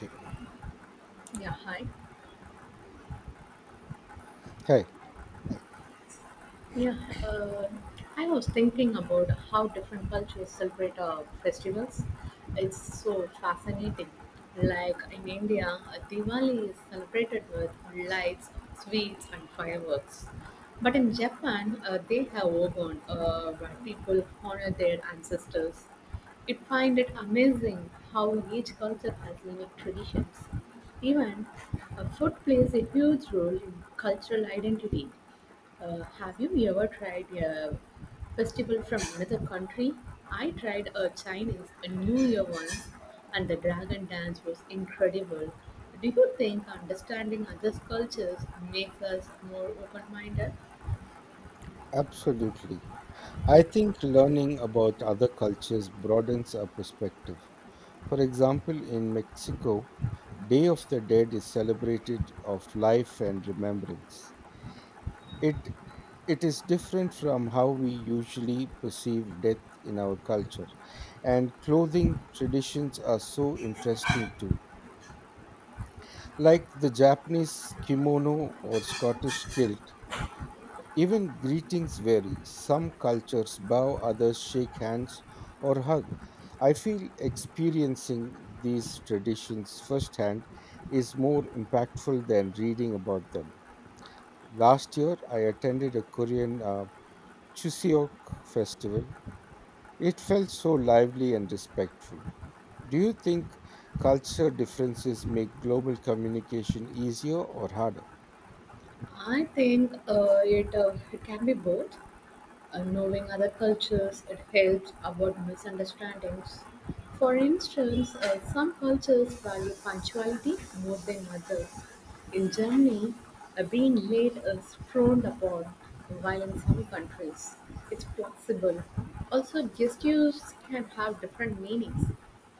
Yep. Yeah, hi. Hi. Hi. Yeah, uh, I was thinking about how different cultures celebrate festivals. It's so fascinating. Like in India, Diwali is celebrated with lights, sweets, and fireworks. But in Japan, they have Obon, where people honor their ancestors. It find it amazing how each culture has unique traditions. Even food plays a huge role in cultural identity. Have you ever tried a festival from another country? I tried a Chinese a New Year once, and the dragon dance was incredible. Do you think understanding other cultures makes us more open-minded? Absolutely. I think learning about other cultures broadens our perspective. For example, in Mexico, Day of the Dead is celebrated of life and remembrance. It it is different from how we usually perceive death in our culture. And clothing traditions are so interesting too. Like the Japanese kimono or Scottish kilt. Even greetings vary. Some cultures bow, others shake hands or hug. I feel experiencing these traditions firsthand is more impactful than reading about them. Last year, I attended a Korean Chuseok festival. It felt so lively and respectful. Do you think culture differences make global communication easier or harder? I think it can be both. Knowing other cultures, it helps avoid misunderstandings. For instance, some cultures value punctuality more than others. In Germany, being late is frowned upon, while in some countries, it's possible. Also, gestures can have different meanings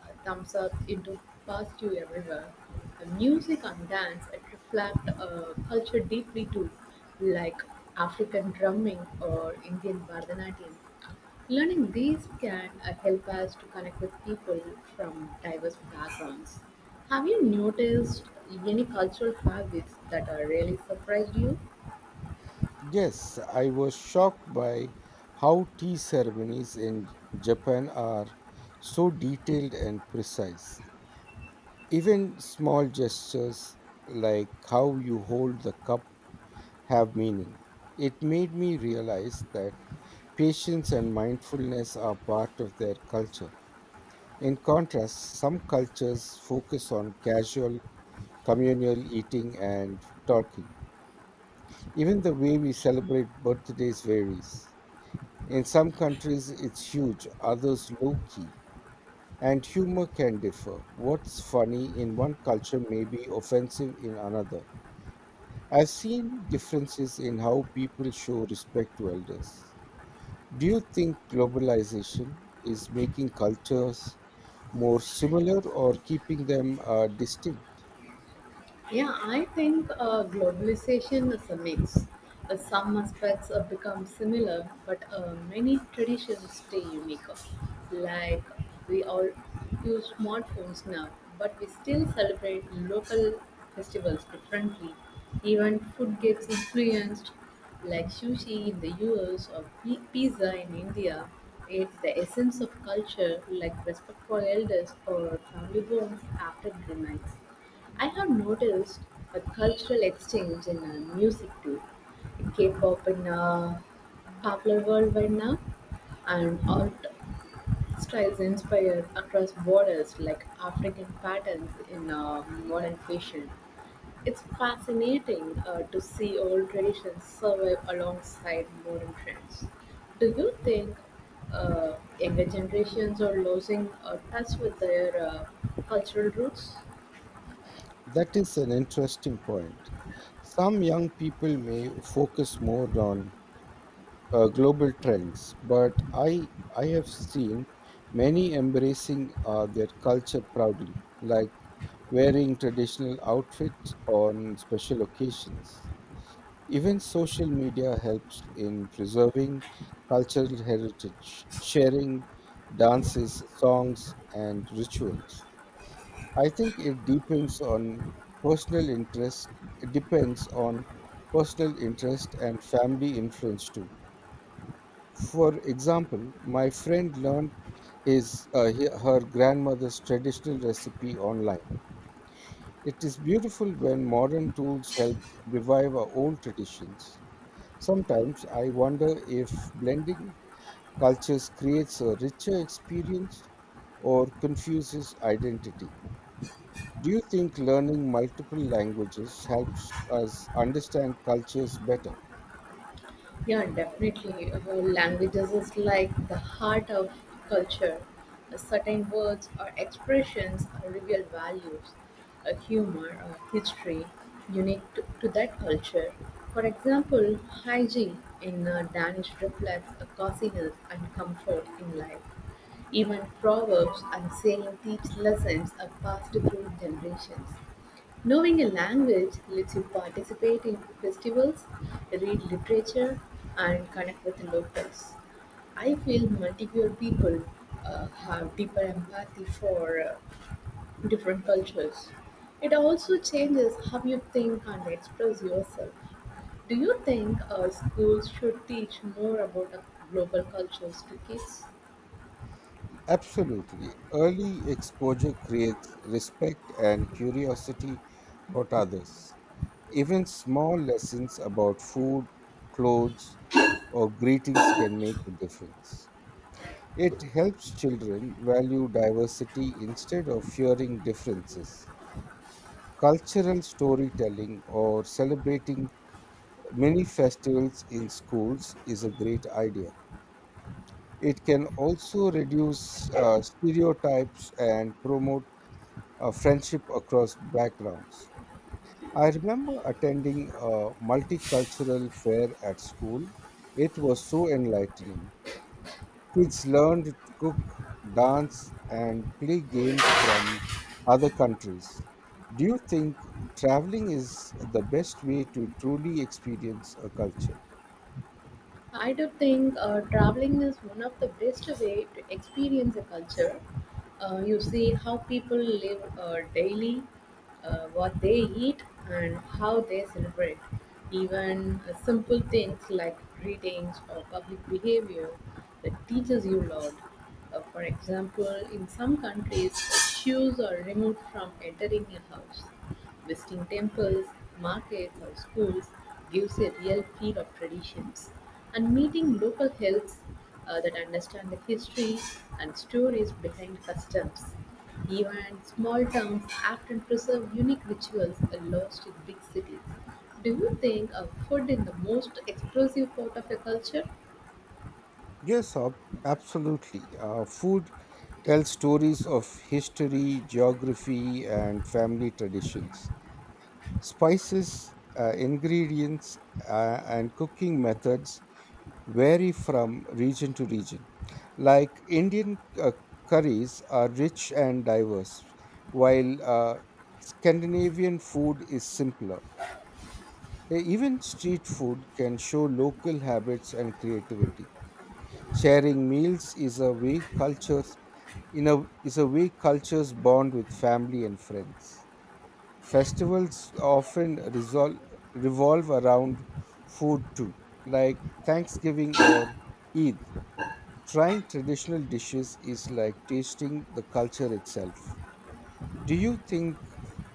thumbs up, it do pass you everywhere. The music and dance it reflect culture deeply too, like African drumming or Indian Bharatanatyam. Learning these can help us to connect with people from diverse backgrounds. Have you noticed any cultural habits that are really surprised you? Yes, I was shocked by how tea ceremonies in Japan are so detailed and precise. Even small gestures like how you hold the cup have meaning. It made me realize that patience and mindfulness are part of their culture. In contrast, some cultures focus on casual communal eating and talking. Even the way we celebrate birthdays varies. In some countries, it's huge, others low key. And humor can differ. What's funny in one culture may be offensive in another. I've seen differences in how people show respect to elders. Do you think globalization is making cultures more similar or keeping them distinct? Yeah, I think globalization is a mix. Some aspects become similar, but many traditions stay unique. Like we all use smartphones now, but we still celebrate local festivals differently. Even food gets influenced, like sushi in the US or pizza in India. It's the essence of culture, like respect for elders or family bonds after dinner. I have noticed a cultural exchange in music too. K-pop in popular worldwide now, and art styles inspired across borders like African patterns in modern fashion. It's fascinating to see old traditions survive alongside modern trends. Do you think younger generations are losing touch with their cultural roots? That is an interesting point. Some young people may focus more on global trends, but I have seen many embracing their culture proudly, like wearing traditional outfits on special occasions. Even social media helps in preserving cultural heritage, sharing dances, songs, and rituals. I think it depends on personal interest. It depends on personal interest and family influence too. For example, my friend learned his her grandmother's traditional recipe online. It is beautiful when modern tools help revive our old traditions. Sometimes I wonder if blending cultures creates a richer experience or confuses identity. Do you think learning multiple languages helps us understand cultures better? Yeah, definitely. Languages is like the heart of culture. Certain words or expressions reveal values, humor, or history unique to that culture. For example, hygiene in Danish reflects a coziness and comfort in life. Even proverbs and saying teach lessons are passed through generations. Knowing a language lets you participate in festivals, read literature, and connect with locals. I feel multiple people have deeper empathy for different cultures. It also changes how you think and express yourself. Do you think schools should teach more about global cultures to kids? Absolutely. Early exposure creates respect and curiosity about others. Even small lessons about food, clothes, or greetings can make a difference. It helps children value diversity instead of fearing differences. Cultural storytelling or celebrating mini festivals in schools is a great idea. It can also reduce stereotypes and promote friendship across backgrounds. I remember attending a multicultural fair at school. It was so enlightening. Kids learned to cook, dance, and play games from other countries. Do you think traveling is the best way to truly experience a culture? I do think traveling is one of the best way to experience a culture. You see how people live daily, what they eat, and how they celebrate. Even simple things like greetings or public behavior that teaches you a lot. For example, in some countries, shoes are removed from entering a house. Visiting temples, markets or schools gives a real feel of traditions, and meeting local helps that understand the history and stories behind customs. Even small towns often preserve unique rituals lost in big cities. Do you think of food is the most expressive part of a culture? Yes, ab- Absolutely. Food tells stories of history, geography, and family traditions. Spices, ingredients, and cooking methods vary from region to region. Like Indian curries are rich and diverse, while Scandinavian food is simpler. Even street food can show local habits and creativity. Sharing meals is a way cultures in a is a way cultures bond with family and friends. Festivals often revolve around food too, like Thanksgiving or Eid. Trying traditional dishes is like tasting the culture itself. Do you think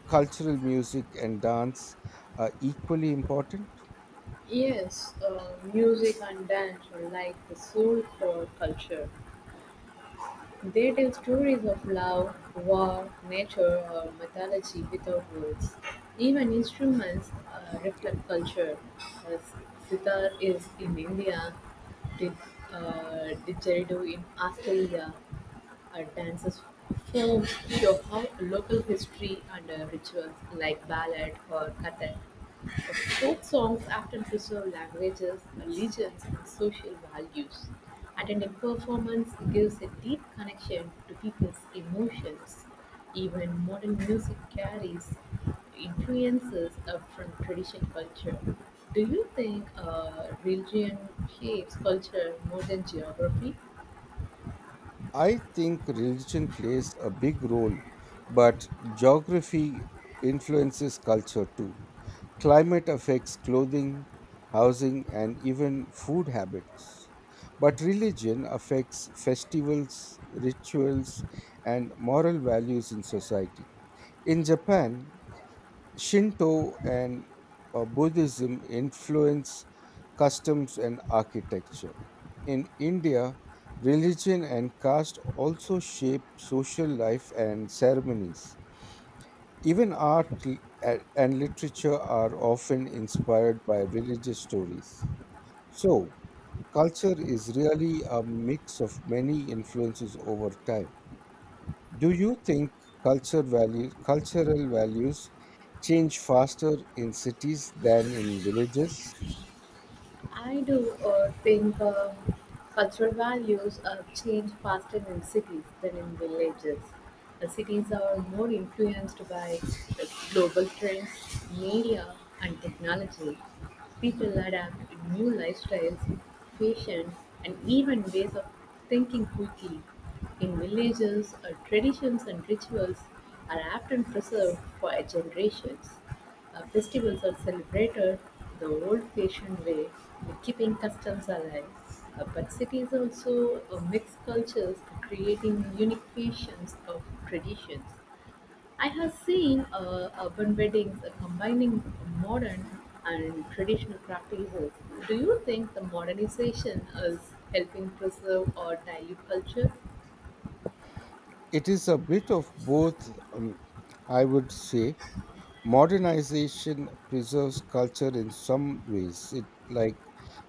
cultural music and dance are equally important? Yes, music and dance are like the soul for culture. They tell stories of love, war, nature, or mythology without words. Even instruments reflect culture. Uh, sitar is in India, did, didgeridoo in Australia. Dances forms show how local history and rituals like ballet or kathak. Folk songs often preserve languages, religions, and social values. Attending a performance gives a deep connection to people's emotions. Even modern music carries influences from traditional culture. Do you think religion shapes culture more than geography? I think religion plays a big role, but geography influences culture too. Climate affects clothing, housing, and even food habits. But religion affects festivals, rituals, and moral values in society. In Japan, Shinto and Buddhism influence customs and architecture. In India, religion and caste also shape social life and ceremonies. Even and literature are often inspired by religious stories. So, culture is really a mix of many influences over time. Do you think cultural values change faster in cities than in villages? I do think cultural values change faster in cities than in villages. Cities are more influenced by uh, global trends, media, and technology. People adapt to new lifestyles, fashion, and even ways of thinking quickly. In villages, traditions and rituals are often preserved for generations. Festivals are celebrated the old-fashioned way, keeping customs alive. But cities also mix cultures, creating unique fashions of traditions. I have seen urban weddings combining modern and traditional practices. Do you think the modernization is helping preserve or dilute culture? It is a bit of both, I would say. Modernization preserves culture in some ways, it like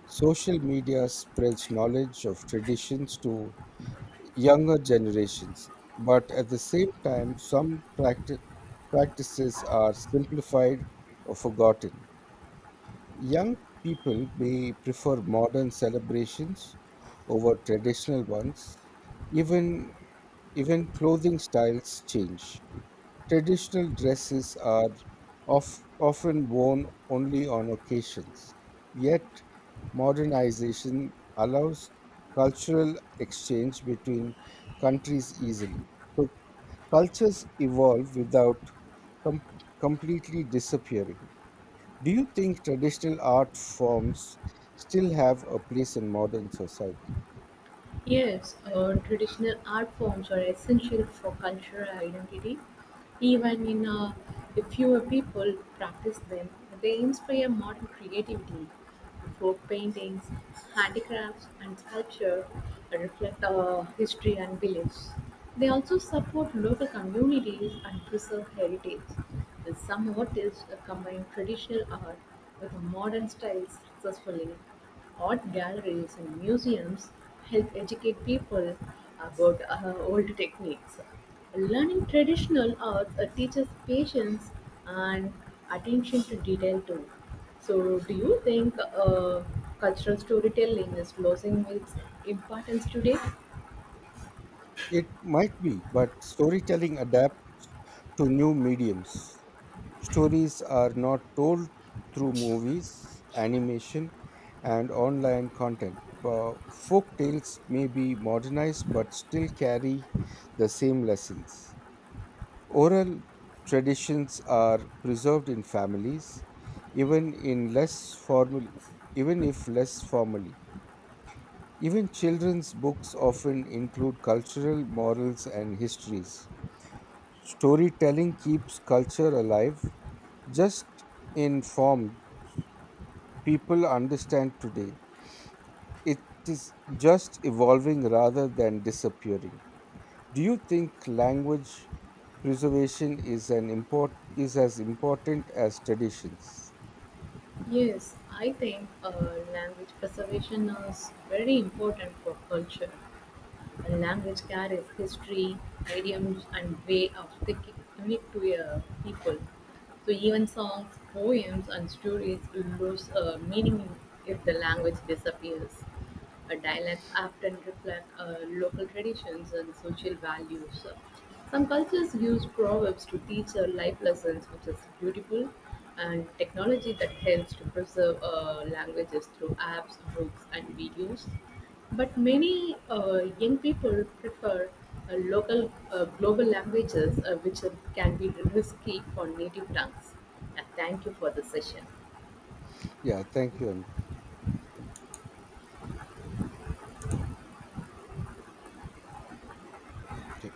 social media spreads knowledge of traditions to younger generations. But at the same time, some practices are simplified or forgotten. Young people may prefer modern celebrations over traditional ones. Even even clothing styles change. Traditional dresses are of, often worn only on occasions, yet modernization allows cultural exchange between countries easily. So, cultures evolve without com- completely disappearing. Do you think traditional art forms still have a place in modern society? Yes, traditional art forms are essential for cultural identity. Even in if fewer people practice them, they inspire modern creativity. Folk paintings, handicrafts, and sculpture reflect history and beliefs. They also support local communities and preserve heritage. Some artists combine traditional art with modern styles successfully. Art galleries and museums help educate people about old techniques. Learning traditional arts teaches patience and attention to detail too. So, do you think cultural storytelling is losing its importance today? It might be, but storytelling adapts to new mediums. Stories are not told through movies, animation, and online content. But folk tales may be modernized but still carry the same lessons. Oral traditions are preserved in families, even in less formally, even if less formally. Even children's books often include cultural morals and histories. Storytelling keeps culture alive, just in form people understand today. It is just evolving rather than disappearing. Do you think language preservation is as important as traditions? Yes, I think language preservation is very important for culture. Language carries history, idioms, and way of thinking unique to a people. So even songs, poems, and stories lose meaning if the language disappears. A dialect often reflect local traditions and social values. Some cultures use proverbs to teach life lessons, which is beautiful, and technology that helps to preserve languages through apps, books, and videos. But many young people prefer local global languages, which can be risky for native tongues. Yeah, thank you for the session. Yeah, thank you, Anbu.